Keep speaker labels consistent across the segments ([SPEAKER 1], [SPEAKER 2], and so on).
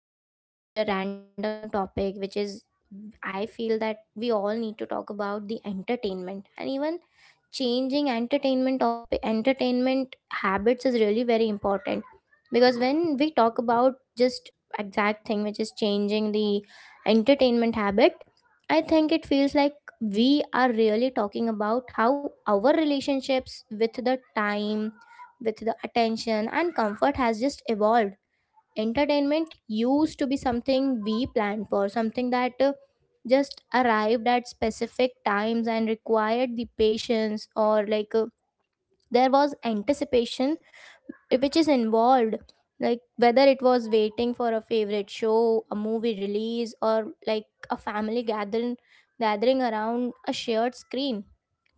[SPEAKER 1] like just choose a random topic which is, I feel that we all need to talk about the entertainment, and even changing entertainment habits is really very important. Because when we talk about just exact thing which is changing the entertainment habit, I think it feels like we are really talking about how our relationships with the time, with the attention and comfort has just evolved. Entertainment used to be something we planned for, something that just arrived at specific times and required the patience. Or there was anticipation which is involved, like whether it was waiting for a favorite show, a movie release, or like a family gathering around a shared screen.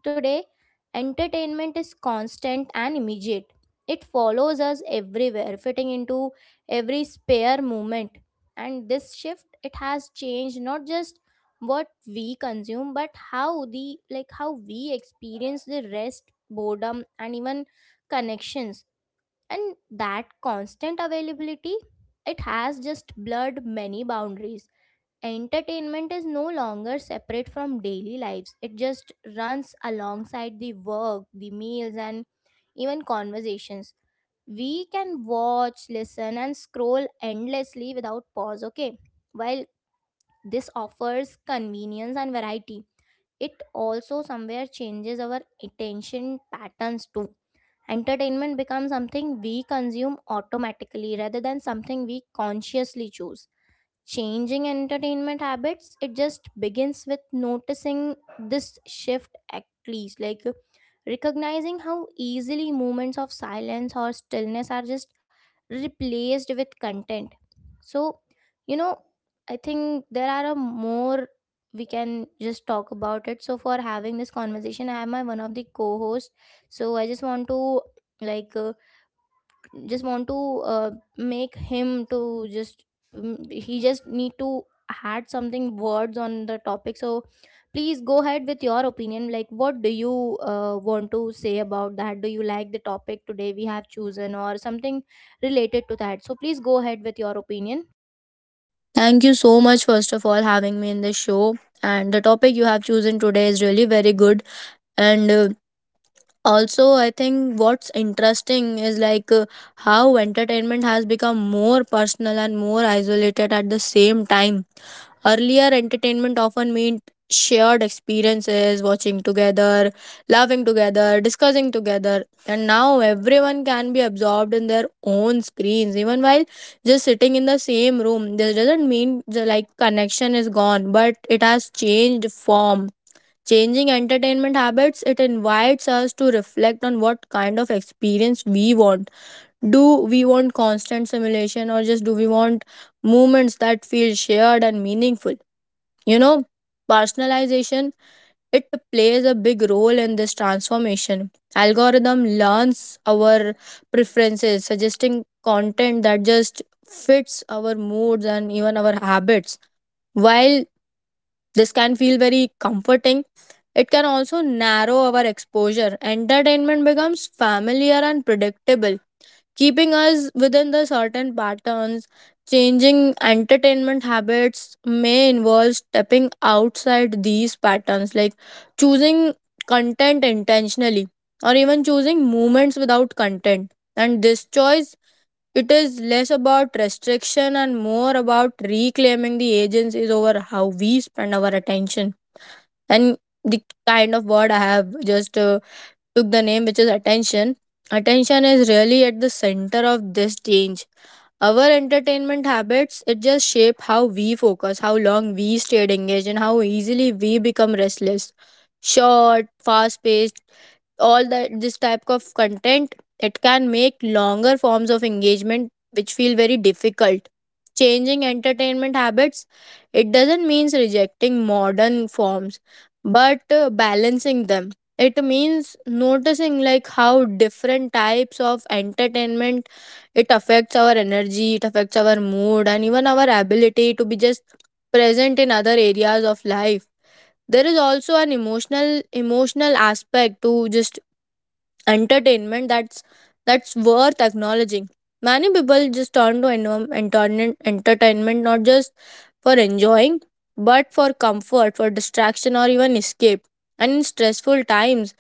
[SPEAKER 1] Today, entertainment is constant and immediate. It follows us everywhere, fitting into every spare moment. And this shift, it has changed not just what we consume, but how we experience the rest, boredom, and even connections. And that constant availability, it has just blurred many boundaries. Entertainment is no longer separate from daily lives. It just runs alongside the work, the meals, and even conversations. We can watch, listen, and scroll endlessly without pause. Okay, while this offers convenience and variety, it also somewhere changes our attention patterns too. Entertainment becomes something we consume automatically, rather than something we consciously choose. Changing entertainment habits, it just begins with noticing this shift, at least like recognizing how easily moments of silence or stillness are just replaced with content. So you know I think there are a more we can just talk about it. So for having this conversation, I have my one of the co-hosts. So I just want to, like uh, just want to, uh, make him to just, he just need to add something words on the topic. So please go ahead with your opinion, like what do you want to say about that? Do you like the topic today we have chosen or something related to that? So please go ahead with your opinion.
[SPEAKER 2] Thank you so much, first of all, having me in the show. And the topic you have chosen today is really very good. And also, I think what's interesting is how entertainment has become more personal and more isolated at the same time. Earlier, entertainment often meant shared experiences, watching together, laughing together, discussing together, and now everyone can be absorbed in their own screens. Even while just sitting in the same room, this doesn't mean the like connection is gone, but it has changed form. Changing entertainment habits, it invites us to reflect on what kind of experience we want. Do we want constant simulation, or just do we want moments that feel shared and meaningful? You know, Personalization it plays a big role in this transformation. Algorithm learns our preferences, suggesting content that just fits our moods and even our habits. While this can feel very comforting, it can also narrow our exposure. Entertainment becomes familiar and predictable, keeping us within the certain patterns. Changing entertainment habits may involve stepping outside these patterns, like choosing content intentionally, or even choosing movements without content. And this choice, it is less about restriction and more about reclaiming the agencies over how we spend our attention. And the kind of word I have just took the name, which is attention. Attention is really at the center of this change. Our entertainment habits, it just shape how we focus, how long we stayed engaged, and how easily we become restless. Short, fast paced, all that this type of content, it can make longer forms of engagement which feel very difficult. Changing entertainment habits, it doesn't means rejecting modern forms, but balancing them. It means noticing like how different types of entertainment it affects our energy, it affects our mood, and even our ability to be just present in other areas of life. There is also an emotional aspect to just entertainment that's worth acknowledging. Many people just turn to entertainment not just for enjoying, but for comfort, for distraction, or even escape. And in stressful times,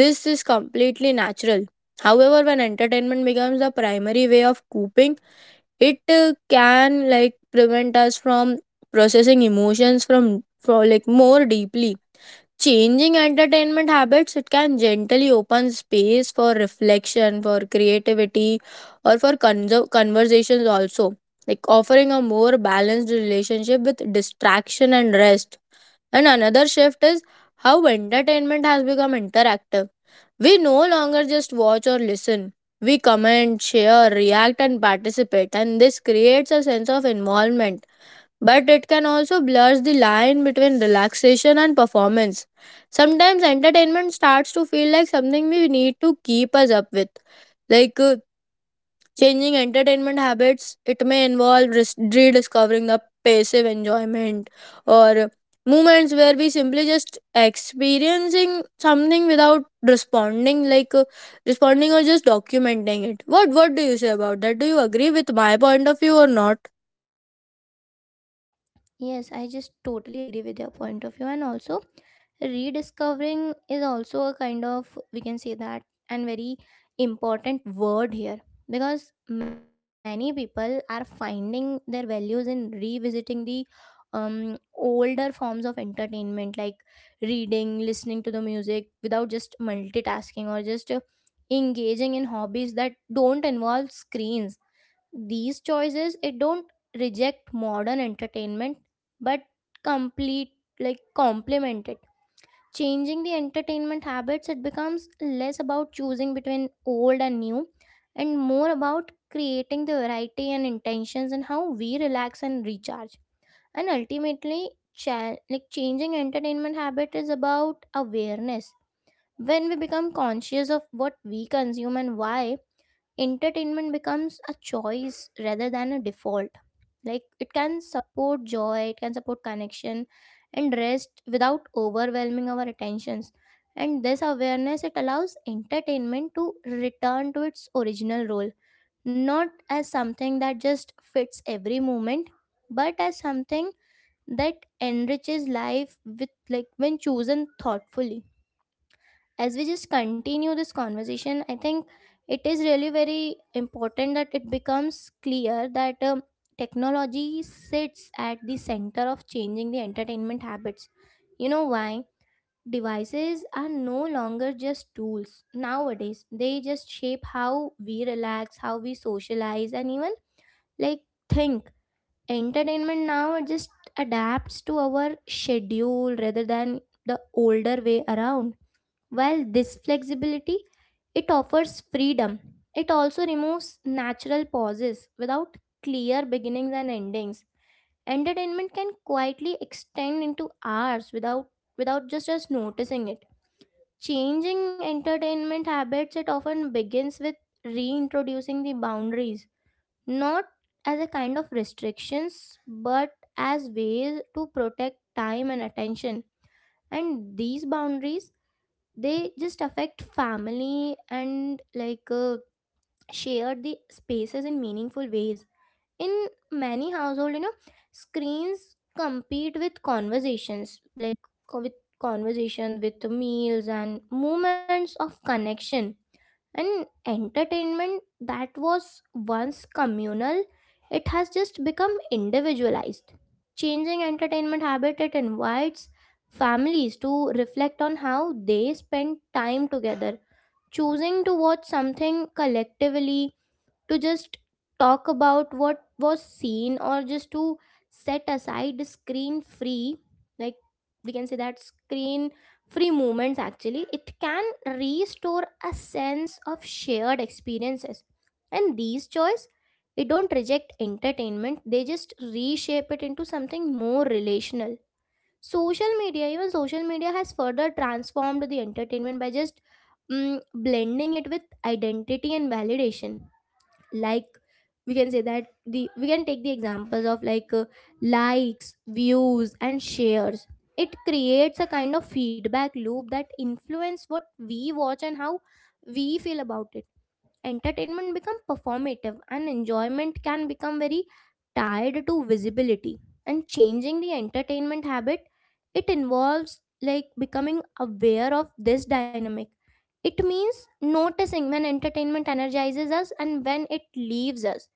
[SPEAKER 2] this is completely natural. However, when entertainment becomes the primary way of coping, it can like prevent us from processing emotions from for like more deeply. Changing entertainment habits, it can gently open space for reflection, for creativity, or for conversations also, like offering a more balanced relationship with distraction and rest. And another shift is how entertainment has become interactive. We no longer just watch or listen. We comment, share, react, and participate, and this creates a sense of involvement. But it can also blur the line between relaxation and performance. Sometimes entertainment starts to feel like something we need to keep us up with. Like, uh, Changing entertainment habits, it may involve rediscovering the passive enjoyment, or moments where we simply just experiencing something without responding, responding or just documenting it. What do you say about that? Do you agree with my point of view or not?
[SPEAKER 1] Yes, I just totally agree with your point of view. And also, rediscovering is also a kind of, we can say that, and very important word here. Because many people are finding their values in revisiting the older forms of entertainment, like reading, listening to the music without just multitasking, or just engaging in hobbies that don't involve screens. These choices, it don't reject modern entertainment, but complete, like complement it. Changing the entertainment habits, it becomes less about choosing between old and new, and more about creating the variety and intentions, and how we relax and recharge. And ultimately, changing entertainment habit is about awareness. When we become conscious of what we consume and why, entertainment becomes a choice rather than a default. Like, it can support joy, it can support connection, and rest without overwhelming our attentions. And this awareness, it allows entertainment to return to its original role, not as something that just fits every moment, but as something that enriches life with, like, when chosen thoughtfully. As we just continue this conversation, I think it is really very important that it becomes clear that technology sits at the center of changing the entertainment habits. You know why? Devices are no longer just tools nowadays. They just shape how we relax, how we socialize, and even like think. Entertainment now just adapts to our schedule rather than the older way around. While this flexibility, it offers freedom, it also removes natural pauses without clear beginnings and endings. Entertainment can quietly extend into hours without just us noticing it. Changing entertainment habits, it often begins with reintroducing the boundaries, not as a kind of restrictions, but as ways to protect time and attention. And these boundaries, they just affect family and share the spaces in meaningful ways. In many household, you know, screens compete with conversations, like co- with conversation with meals and moments of connection. And entertainment that was once communal, it has just become individualized. Changing entertainment habit, it invites families to reflect on how they spend time together, choosing to watch something collectively, to just talk about what was seen, or just to set aside screen free, like, we can say that screen free moments actually, it can restore a sense of shared experiences. And these choice, it don't reject entertainment, they just reshape it into something more relational. Social media, even social media has further transformed the entertainment by just, blending it with identity and validation. Like, we can say that the, we can take the examples of likes, views, and shares. It creates a kind of feedback loop that influence what we watch and how we feel about it. Entertainment become performative, and enjoyment can become very tied to visibility. And changing the entertainment habit, it involves like becoming aware of this dynamic. It means noticing when entertainment energizes us and when it leaves us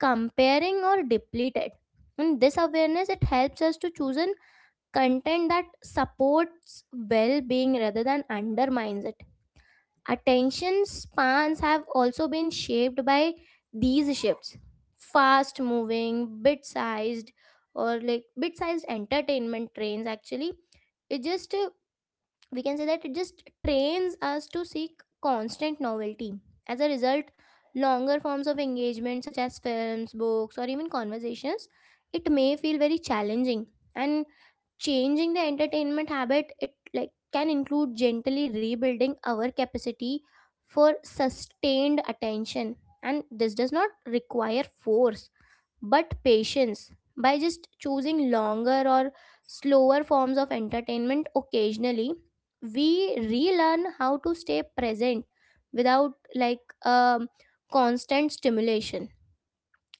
[SPEAKER 1] comparing or depleted. And this awareness, it helps us to choose an content that supports well-being rather than undermines it. Attention spans have also been shaped by these shifts. Fast moving, bit sized, or like bit sized entertainment trains actually. It just, uh, we can say that it just trains us to seek constant novelty. As a result, longer forms of engagement, such as films, books, or even conversations, it may feel very challenging. And changing the entertainment habit, it like can include gently rebuilding our capacity for sustained attention. And this does not require force, but patience. By just choosing longer or slower forms of entertainment occasionally, we relearn how to stay present without constant stimulation.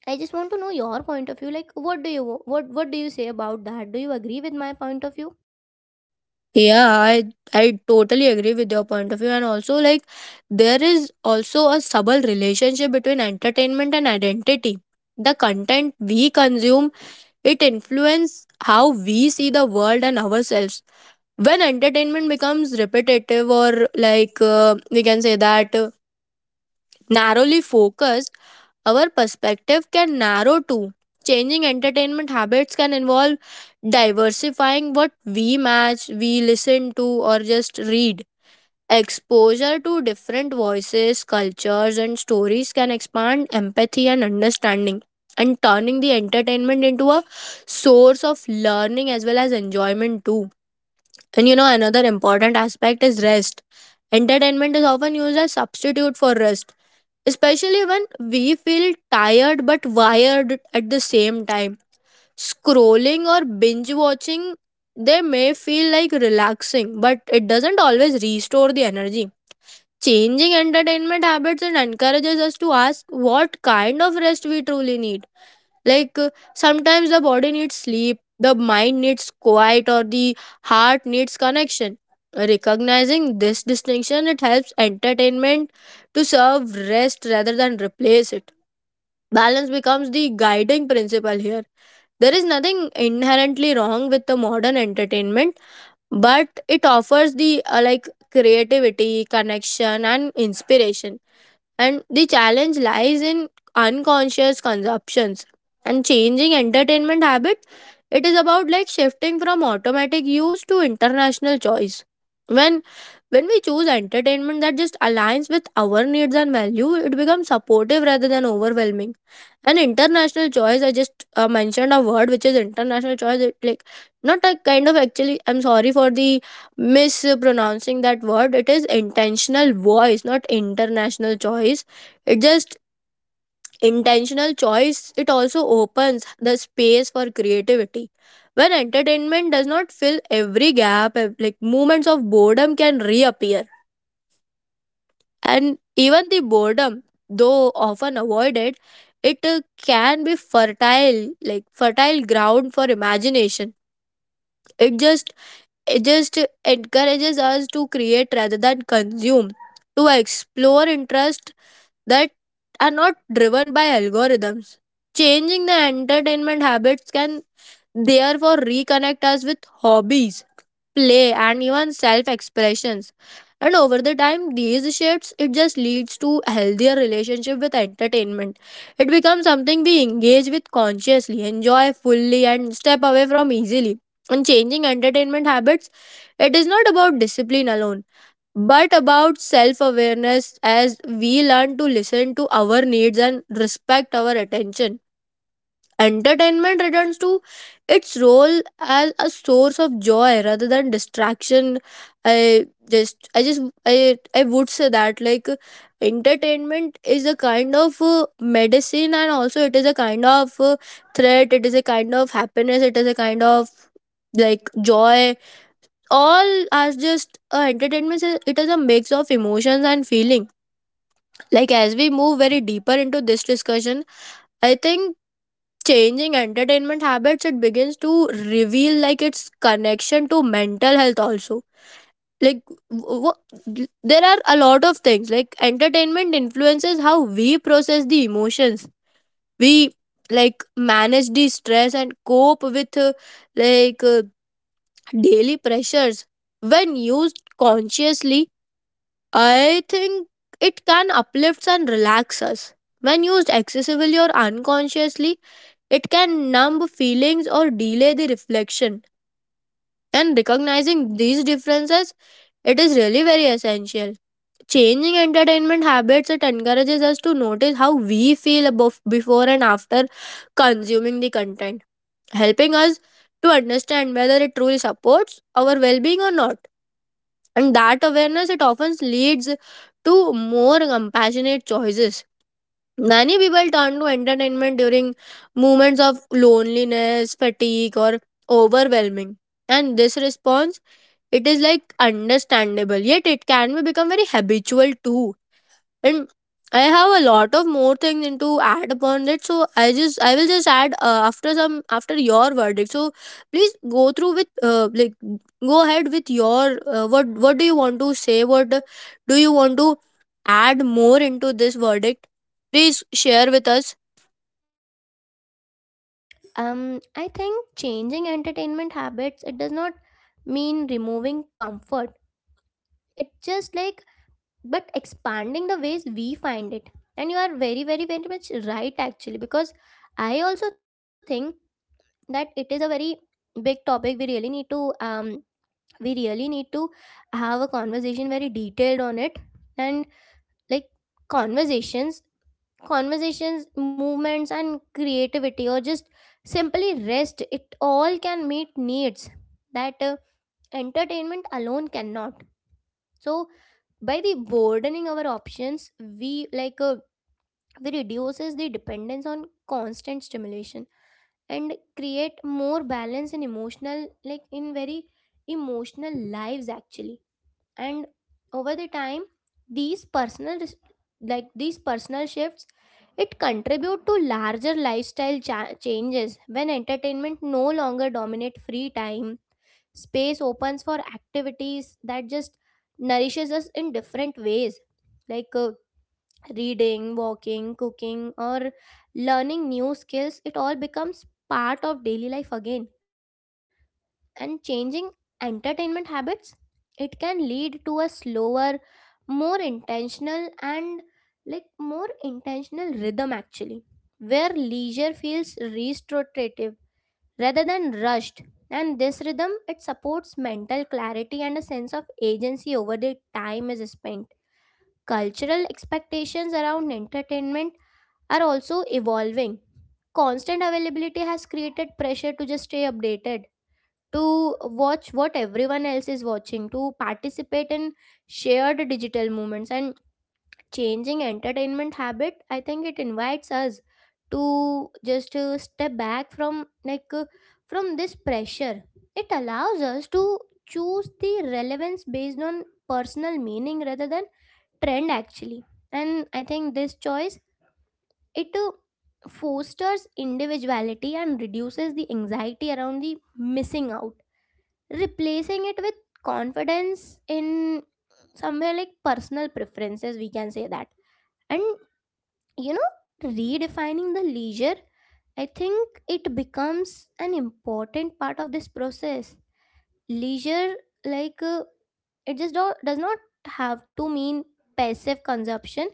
[SPEAKER 1] I just want to know your point of view. Like, what do you, what do you say about that? Do you agree with my point of view?
[SPEAKER 2] Yeah, I totally agree with your point of view, and also like there is also a subtle relationship between entertainment and identity. The content we consume, it influences how we see the world and ourselves. When entertainment becomes repetitive or, like, we can say that narrowly focused, our perspective can narrow too. Changing entertainment habits can involve diversifying what we match, we listen to, or just read. Exposure to different voices, cultures, and stories can expand empathy and understanding, and turning the entertainment into a source of learning as well as enjoyment, too. And you know, another important aspect is rest. Entertainment is often used as substitute for rest, especially when we feel tired but wired at the same time. Scrolling or binge watching, they may feel like relaxing, but it doesn't always restore the energy. Changing entertainment habits and encourages us to ask what kind of rest we truly need. Sometimes the body needs sleep, the mind needs quiet, or the heart needs connection. Recognizing this distinction, it helps entertainment to serve rest rather than replace it. Balance becomes the guiding principle here. There is nothing inherently wrong with the modern entertainment, but it offers the creativity, connection, and inspiration, and the challenge lies in unconscious consumptions. And changing entertainment habit, it is about like shifting from automatic use to international choice. When when we choose entertainment that just aligns with our needs and value, it becomes supportive rather than overwhelming. And international choice, I just mentioned a word which is international choice. It, like, not a kind of, actually I'm sorry for the mispronouncing that word. It is intentional voice, not international choice. It just intentional choice, it also opens the space for creativity. When entertainment does not fill every gap, like moments of boredom can reappear. And even the boredom, though often avoided, it can be fertile ground for imagination. It just it just encourages us to create rather than consume, to explore interests that are not driven by algorithms. Changing the entertainment habits can, therefore, reconnect us with hobbies, play, and even self expressions. And over the time, these shifts it just leads to a healthier relationship with entertainment. It becomes something we engage with consciously, enjoy fully, and step away from easily. And changing entertainment habits, it is not about discipline alone, but about self awareness. As we learn to listen to our needs and respect our attention, entertainment returns to its role as a source of joy rather than distraction. I just i just i i would say that like entertainment is a kind of medicine, and also it is a kind of threat. It is a kind of happiness, it is a kind of like joy. All are just entertainment it is a mix of emotions and feeling. Like as we move very deeper into this discussion, I think changing entertainment habits, it begins to reveal like its connection to mental health also. Like, w- there are a lot of things. Like entertainment influences how we process the emotions, we like manage the stress, and cope with like uh, daily pressures. When used consciously, I think it can uplift and relax us. When used excessively or unconsciously, it can numb feelings or delay the reflection. And recognizing these differences, it is really very essential. Changing entertainment habits, it encourages us to notice how we feel above, before and after consuming the content, helping us to understand whether it truly supports our well being or not. And that awareness, it often leads to more compassionate choices. Many people turn to entertainment during moments of loneliness, fatigue, or overwhelming. And this response, it is like understandable, yet it can be become very habitual too. And I have a lot of more things into add upon it. So I will just add after some after your verdict. So please go through with go ahead with your what do you want to say, what do you want to add more into this verdict? Please share with us.
[SPEAKER 1] I think changing entertainment habits, it does not mean removing comfort. It just like, but expanding the ways we find it. And you are very, very, very much right actually. Because I also think that it is a very big topic. We really need to, we really need to have a conversation very detailed on it. And like conversations, conversations, movements and creativity, or just simply rest, it all can meet needs that entertainment alone cannot. So by the broadening our options, we we reduces the dependence on constant stimulation and create more balance in emotional, like in very emotional lives actually. And over the time, these personal res- like these personal shifts, it contribute to larger lifestyle changes. When entertainment no longer dominate free time, space opens for activities that just nourishes us in different ways. like uh, Reading, walking, cooking, or learning new skills, it all becomes part of daily life again. And changing entertainment habits, it can lead to a slower, more intentional, and like more intentional rhythm actually, where leisure feels restorative rather than rushed. And this rhythm, it supports mental clarity and a sense of agency over the time is spent. Cultural expectations around entertainment are also evolving. Constant availability has created pressure to just stay updated, to watch what everyone else is watching, to participate in shared digital movements. And changing entertainment habit, I think it invites us to just step back from from this pressure. It allows us to choose the relevance based on personal meaning rather than trend actually. And I think this choice, it fosters individuality and reduces the anxiety around the missing out, replacing it with confidence in somewhere like personal preferences, we can say that. And you know, redefining the leisure, I think it becomes an important part of this process. Leisure, like uh, it just does not have to mean passive consumption.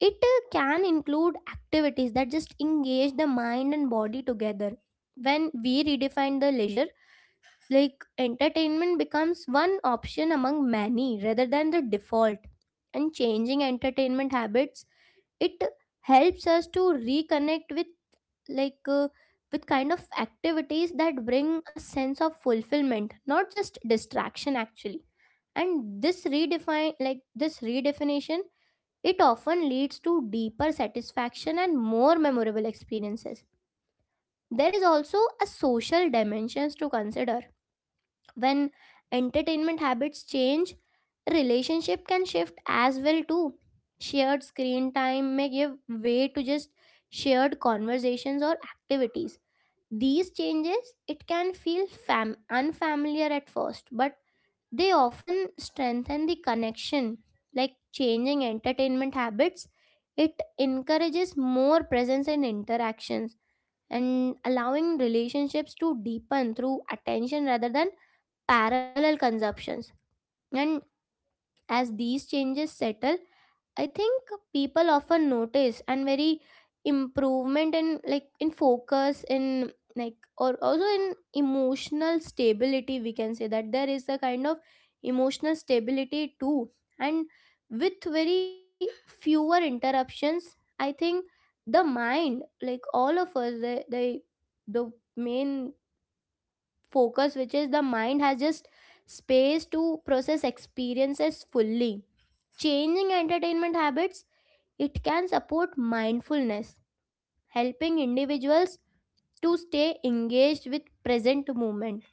[SPEAKER 1] It can include activities that just engage the mind and body together. When we redefine the leisure, like entertainment becomes one option among many rather than the default. And changing entertainment habits, it helps us to reconnect with, like uh, with kind of activities that bring a sense of fulfillment, not just distraction actually. And this redefine, like this redefinition, it often leads to deeper satisfaction and more memorable experiences. There is also a social dimensions to consider. When entertainment habits change, relationship can shift as well too. Shared screen time may give way to just shared conversations or activities. These changes, it can feel unfamiliar at first, but they often strengthen the connection. Like changing entertainment habits, it encourages more presence and interactions, and allowing relationships to deepen through attention rather than parallel consumptions. And as these changes settle, I think people often notice and very improvement in like in focus in like or also in emotional stability, we can say that there is a kind of emotional stability too. And with very fewer interruptions, I think the mind, like all of us, the main focus, which is the mind, has just space to process experiences fully. Changing entertainment habits, it can support mindfulness, helping individuals to stay engaged with present moment.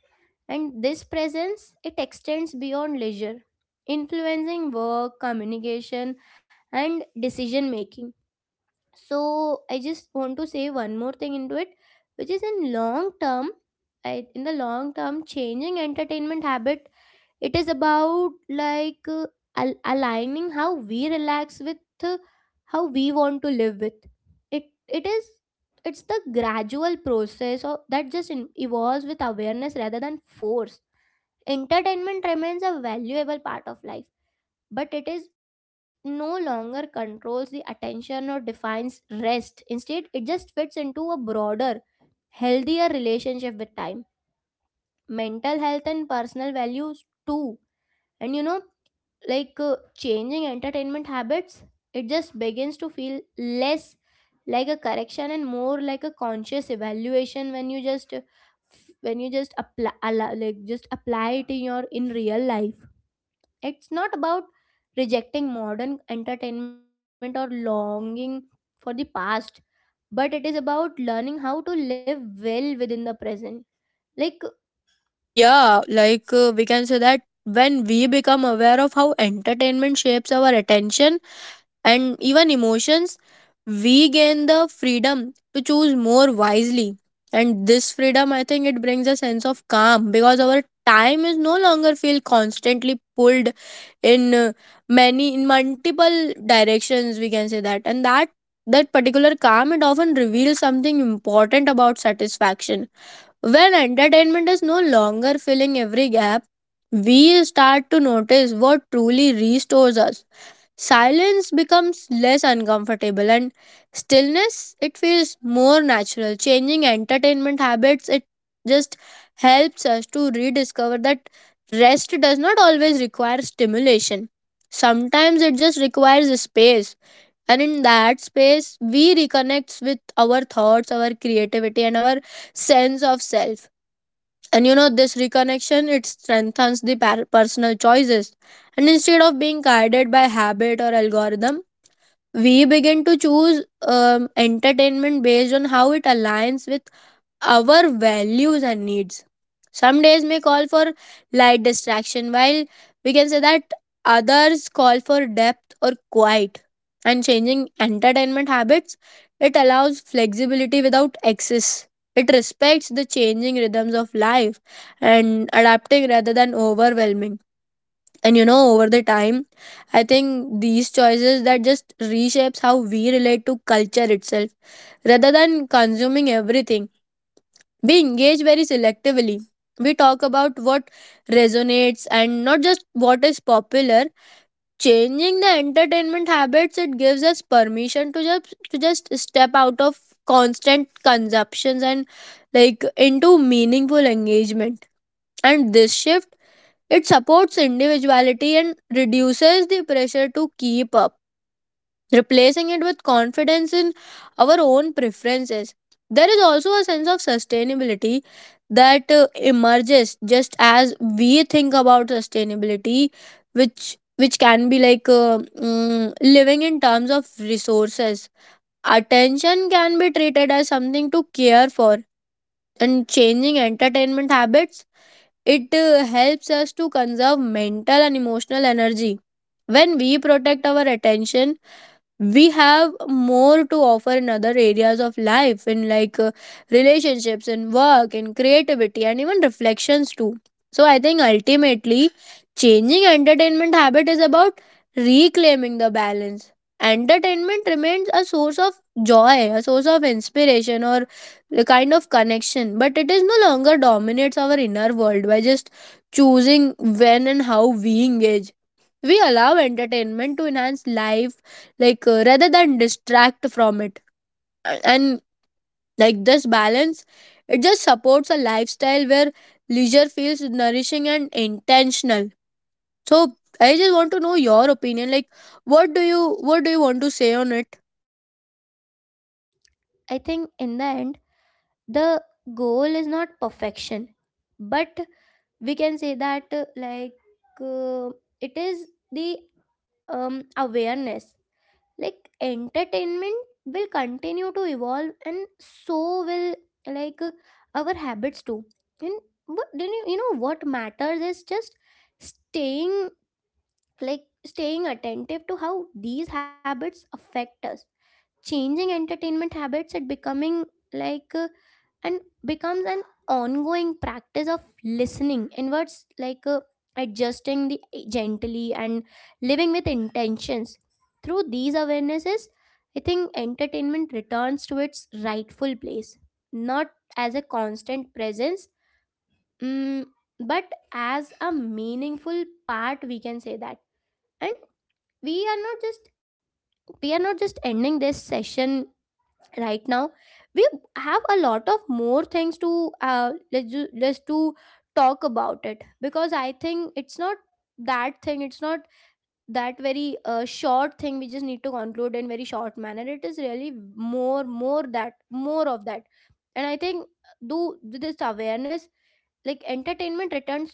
[SPEAKER 1] And this presence, it extends beyond leisure, influencing work communication and decision making. So I just want to say one more thing into it, which is in long term, in the long term, changing entertainment habit, it is about like aligning how we relax with uh, how we want to live with. It is it's the gradual process of, that just in, evolves with awareness rather than force. Entertainment remains a valuable part of life, but it is no longer controls the attention or defines rest. Instead, it just fits into a broader, healthier relationship with time, mental health, and personal values too. And you know, like changing entertainment habits, it just begins to feel less like a correction and more like a conscious evaluation when you just when you just apply like just apply it in your in real life. It's not about rejecting modern entertainment or longing for the past, but it is about learning how to live well within the present. Like,
[SPEAKER 2] Yeah, we can say that when we become aware of how entertainment shapes our attention and even emotions, we gain the freedom to choose more wisely. And this freedom, I think it brings a sense of calm because our time is no longer feel constantly pulled in uh, in multiple directions, we can say that. And that particular calm, it often reveals something important about satisfaction. When entertainment is no longer filling every gap, we start to notice what truly restores us. Silence becomes less uncomfortable, and stillness it feels more natural. Changing entertainment habits, it just helps us to rediscover that rest does not always require stimulation. Sometimes it just requires a space. And in that space, we reconnect with our thoughts, our creativity, and our sense of self. And you know, this reconnection it strengthens the personal choices. And instead of being guided by habit or algorithm, we begin to choose entertainment based on how it aligns with our values and needs. Some days may call for light distraction, while, we can say that, others call for depth or quiet. And changing entertainment habits, it allows flexibility without excess. It respects the changing rhythms of life, and adapting rather than overwhelming. And you know, over the time, I think these choices that just reshapes how we relate to culture itself. Rather than consuming everything, we engage very selectively. We talk about what resonates and not just what is popular. Changing the entertainment habits, it gives us permission to just step out of constant consumptions and like into meaningful engagement. And this shift, it supports individuality and reduces the pressure to keep up, replacing it with confidence in our own preferences. There is also a sense of sustainability that emerges just as we think about sustainability, which can be like living in terms of resources. Attention can be treated as something to care for, and changing entertainment habits it helps us to conserve mental and emotional energy. When we protect our attention we have more to offer in other areas of life, in relationships, in work, in creativity, and even reflections too. So I think ultimately changing entertainment habit is about reclaiming the balance. Entertainment remains a source of joy, a source of inspiration, or a kind of connection, but it is no longer dominates our inner world. By just choosing when and how we engage, we allow entertainment to enhance life, rather than distract from it. And like this balance, it just supports a lifestyle where leisure feels nourishing and intentional. So I just want to know your opinion, like, what do you what do you want to say on it?
[SPEAKER 1] I think in the end, the goal is not perfection, but we can say that like uh, it is the awareness. Like entertainment will continue to evolve, and so will like our habits too. And you know, what matters is just staying, like staying attentive to how these habits affect us. Changing entertainment habits and becoming like and becomes an ongoing practice of listening, in words like adjusting the gently and living with intentions. Through these awarenesses, I think entertainment returns to its rightful place, not as a constant presence, mm, but as a meaningful part, we can say that. And we are not just we are not just ending this session right now. We have a lot of more things to let's to talk about it, because I think it's not that thing. It's not that very short thing we just need to conclude in very short manner. It is really more of that. And I think do this awareness, like entertainment returns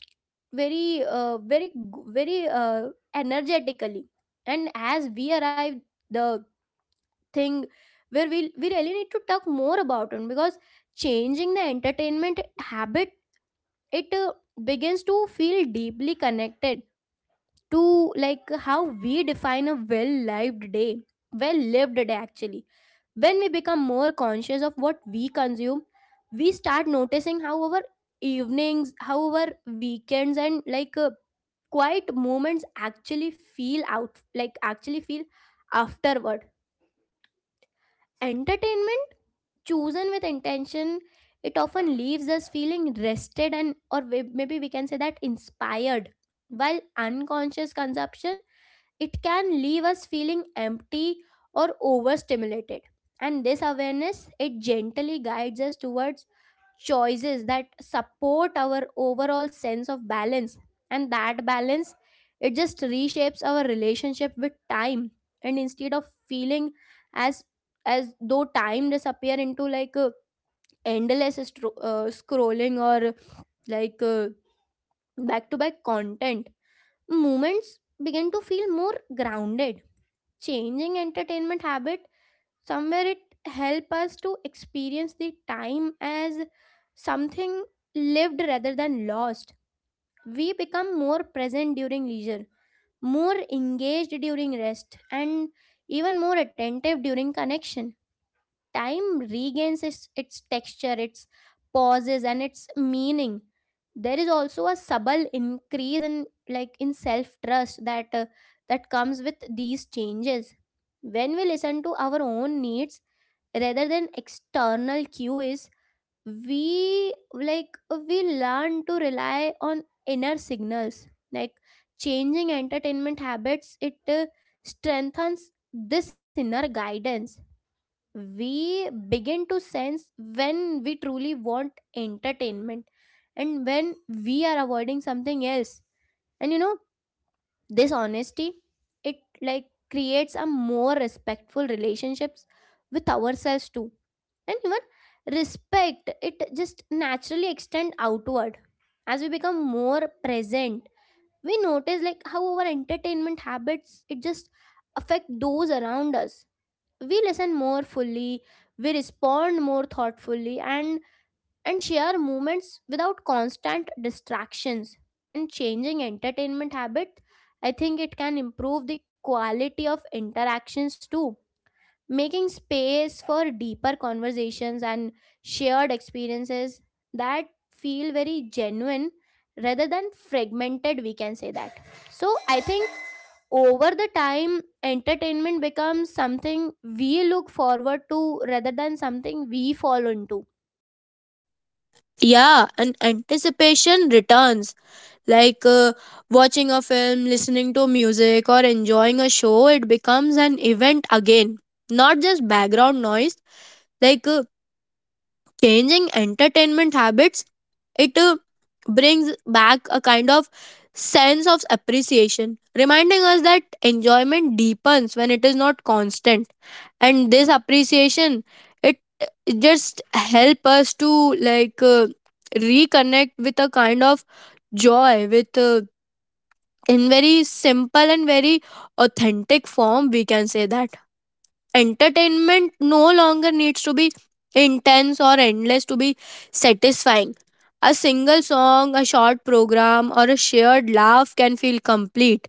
[SPEAKER 1] very very energetically. And as we arrive the thing where we really need to talk more about it, because changing the entertainment habit, it begins to feel deeply connected to like how we define a well lived day. Well lived day actually. When we become more conscious of what we consume, we start noticing how our evenings, how our weekends, and like quiet moments actually feel out like actually feel afterward. Entertainment chosen with intention, it often leaves us feeling rested and or maybe we can say that inspired, while unconscious consumption, it can leave us feeling empty or overstimulated. And this awareness, it gently guides us towards choices that support our overall sense of balance. And that balance, it just reshapes our relationship with time. And instead of feeling as though time disappear into like a endless scrolling or like back to back content, moments begin to feel more grounded. Changing entertainment habit, somewhere it help us to experience the time as something lived rather than lost. We become more present during leisure, more engaged during rest, and even more attentive during connection. Time regains its texture, its pauses, and its meaning. There is also a subtle increase in like in self trust that that comes with these changes. When we listen to our own needs rather than external cues, we like we learn to rely on inner signals. Like, changing entertainment habits, it strengthens this inner guidance. We begin to sense when we truly want entertainment and when we are avoiding something else. And you know, this honesty, it like creates a more respectful relationships with ourselves too. And even respect, it just naturally extend outward. As we become more present, we notice like how our entertainment habits, it just affect those around us. We listen more fully, we respond more thoughtfully, and share moments without constant distractions. And changing entertainment habit, I think it can improve the quality of interactions too, making space for deeper conversations and shared experiences that feel very genuine rather than fragmented, we can say that. So I think over the time, entertainment becomes something we look forward to rather than something we fall into.
[SPEAKER 2] Yeah, and anticipation returns. like uh, Watching a film, listening to music, or enjoying a show, it becomes an event again, not just background noise. Like, changing entertainment habits, it brings back a kind of sense of appreciation, reminding us that enjoyment deepens when it is not constant. And this appreciation, it just help us to reconnect with a kind of joy, with in very simple and very authentic form, we can say that. Entertainment no longer needs to be intense or endless to be satisfying. A single song, a short program, or a shared laugh can feel complete.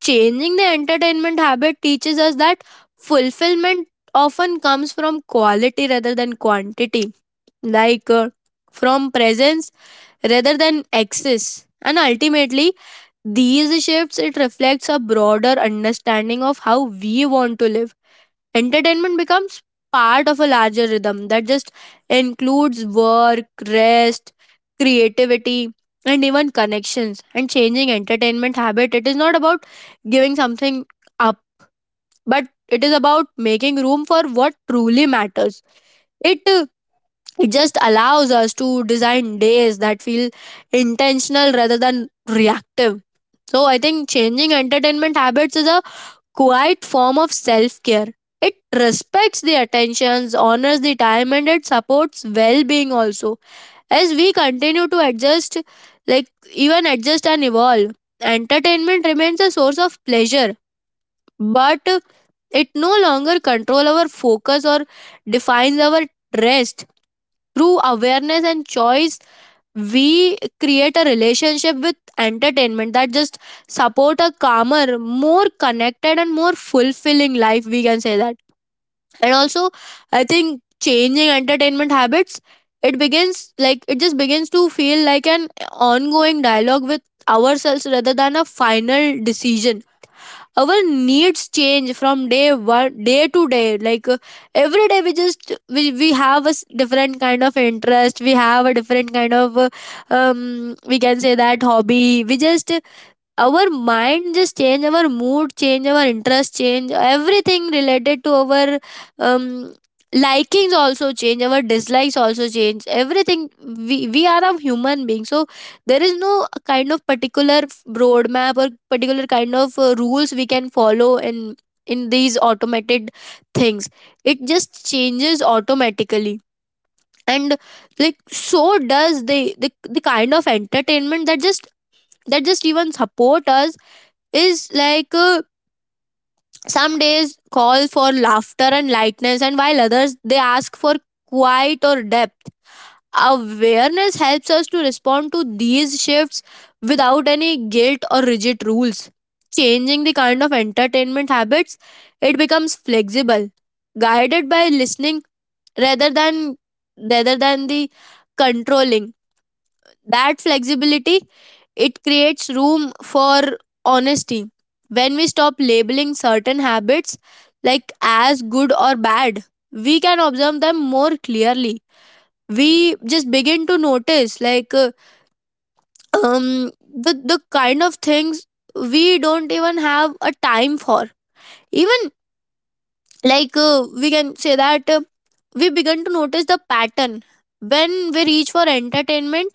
[SPEAKER 2] Changing the entertainment habit teaches us that fulfillment often comes from quality rather than quantity, like uh, from presence rather than excess. And ultimately, these shifts it reflects a broader understanding of how we want to live. Entertainment becomes part of a larger rhythm that just includes work, rest, creativity, and even connections. And changing entertainment habit, it is not about giving something up, but it is about making room for what truly matters. It uh, it just allows us to design days that feel intentional rather than reactive. So I think changing entertainment habits is a quiet form of self care. It respects the attentions, honors the time, and it supports well being also. As we continue to adjust, like, even adjust and evolve, entertainment remains a source of pleasure, but it no longer controls our focus or defines our rest. Through awareness and choice, we create a relationship with entertainment that just support a calmer, more connected, and more fulfilling life, we can say that. And also, I think changing entertainment habits, it begins, like, it just begins to feel like an ongoing dialogue with ourselves rather than a final decision. Our needs change from day to day. Every day, we just we have a different kind of interest, we have a different kind of we can say that hobby. We just, our mind just change, our mood change, our interest change, everything related to our um, likings also change, our dislikes also change, everything. We are a human being, so there is no kind of particular roadmap or particular kind of rules we can follow in these automated things. It just changes automatically. And like, so does the kind of entertainment that just even support us. Is like some days call for laughter and lightness, and while others they ask for quiet or depth. Awareness helps us to respond to these shifts without any guilt or rigid rules. Changing the kind of entertainment habits, it becomes flexible, guided by listening rather than rather than the controlling. That flexibility, it creates room for honesty. When we stop labeling certain habits like as good or bad, we can observe them more clearly. We just begin to notice, um the kind of things we don't even have a time for. Even we can say that, we begin to notice the pattern when we reach for entertainment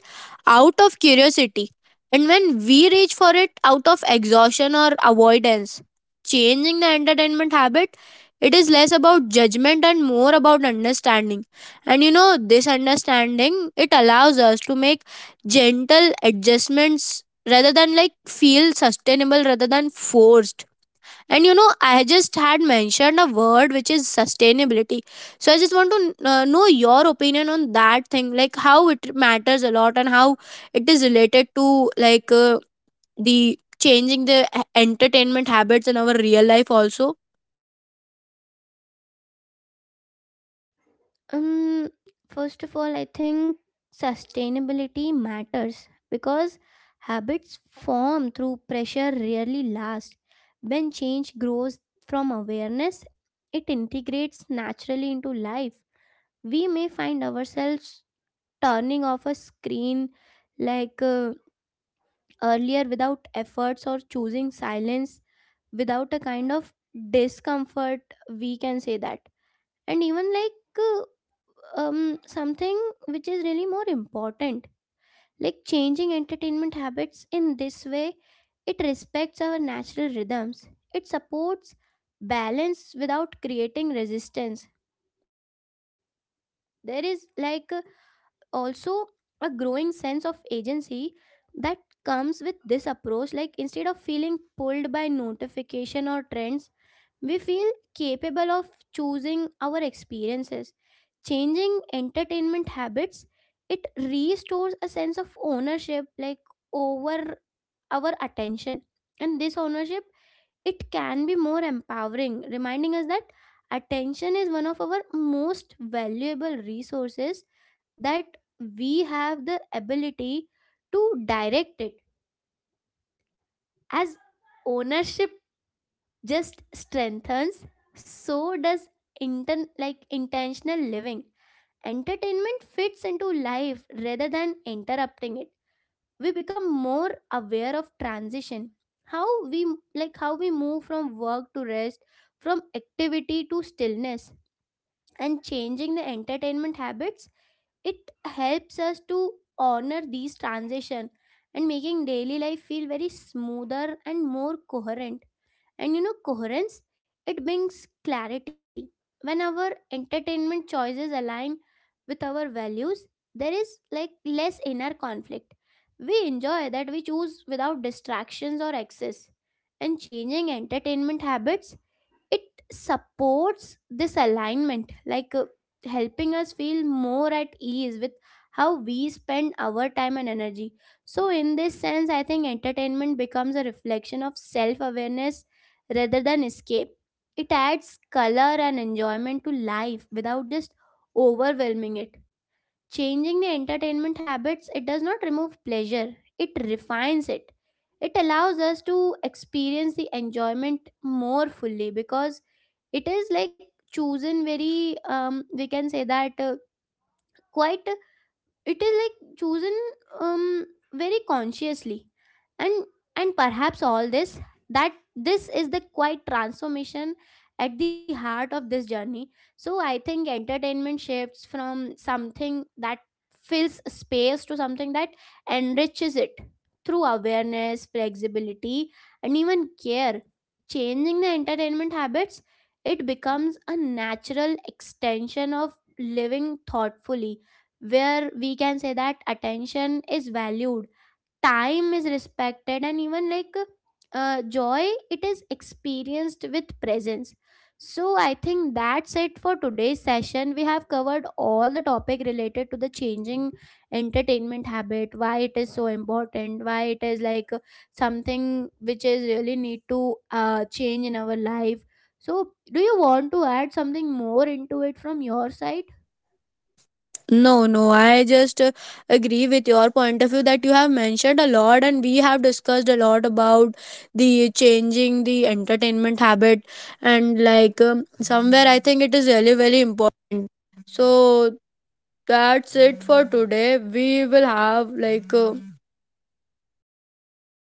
[SPEAKER 2] out of curiosity, and when we reach for it out of exhaustion or avoidance. Changing the entertainment habit, it is less about judgment and more about understanding. And you know, this understanding it allows us to make gentle adjustments rather than, like, feel sustainable rather than forced. And you know, I just had mentioned a word which is sustainability. So I just want to know your opinion on that thing, like how it matters a lot and how it is related to the changing the entertainment habits in our real life also.
[SPEAKER 1] um first of all, I think sustainability matters because habits formed through pressure rarely last. When change grows from awareness, it integrates naturally into life. We may find ourselves turning off a screen, like earlier without efforts or choosing silence without a kind of discomfort, we can say that. And even like something which is really more important, like changing entertainment habits in this way, it respects our natural rhythms. It supports balance without creating resistance. There is like also a growing sense of agency that comes with this approach, like instead of feeling pulled by notification or trends, we feel capable of choosing our experiences. Changing entertainment habits, it restores a sense of ownership, like over our attention. And this ownership, it can be more empowering, reminding us that attention is one of our most valuable resources, that we have the ability to direct it. As ownership just strengthens, so does like intentional living. Entertainment fits into life rather than interrupting it. We become more aware of transition, how we like how we move from work to rest, from activity to stillness. And changing the entertainment habits, it helps us to honor these transition and making daily life feel very smoother and more coherent. And you know, coherence, it brings clarity. When our entertainment choices align with our values, there is like less inner conflict. We enjoy that we choose without distractions or excess. And changing entertainment habits, it supports this alignment, like helping us feel more at ease with how we spend our time and energy. So in this sense, I think entertainment becomes a reflection of self awareness rather than escape. It adds color and enjoyment to life without just overwhelming it. Changing the entertainment habits, it does not remove pleasure, it refines it. It allows us to experience the enjoyment more fully because it is like chosen very we can say that quite, it is like chosen um, very consciously. and and perhaps all this, that this is the quite transformation at the heart of this journey. So I think entertainment shifts from something that fills space to something that enriches it. Through awareness, flexibility, and even care, changing the entertainment habits, it becomes a natural extension of living thoughtfully, where we can say that attention is valued, time is respected, and even like joy, it is experienced with presence. So I think that's it for today's session. We have covered all the topic related to the changing entertainment habit, why it is so important, why it is like something which is really need to change in our life. So do you want to add something more into it from your side?
[SPEAKER 2] No, no, I just agree with your point of view that you have mentioned a lot, and we have discussed a lot about the changing the entertainment habit, and like somewhere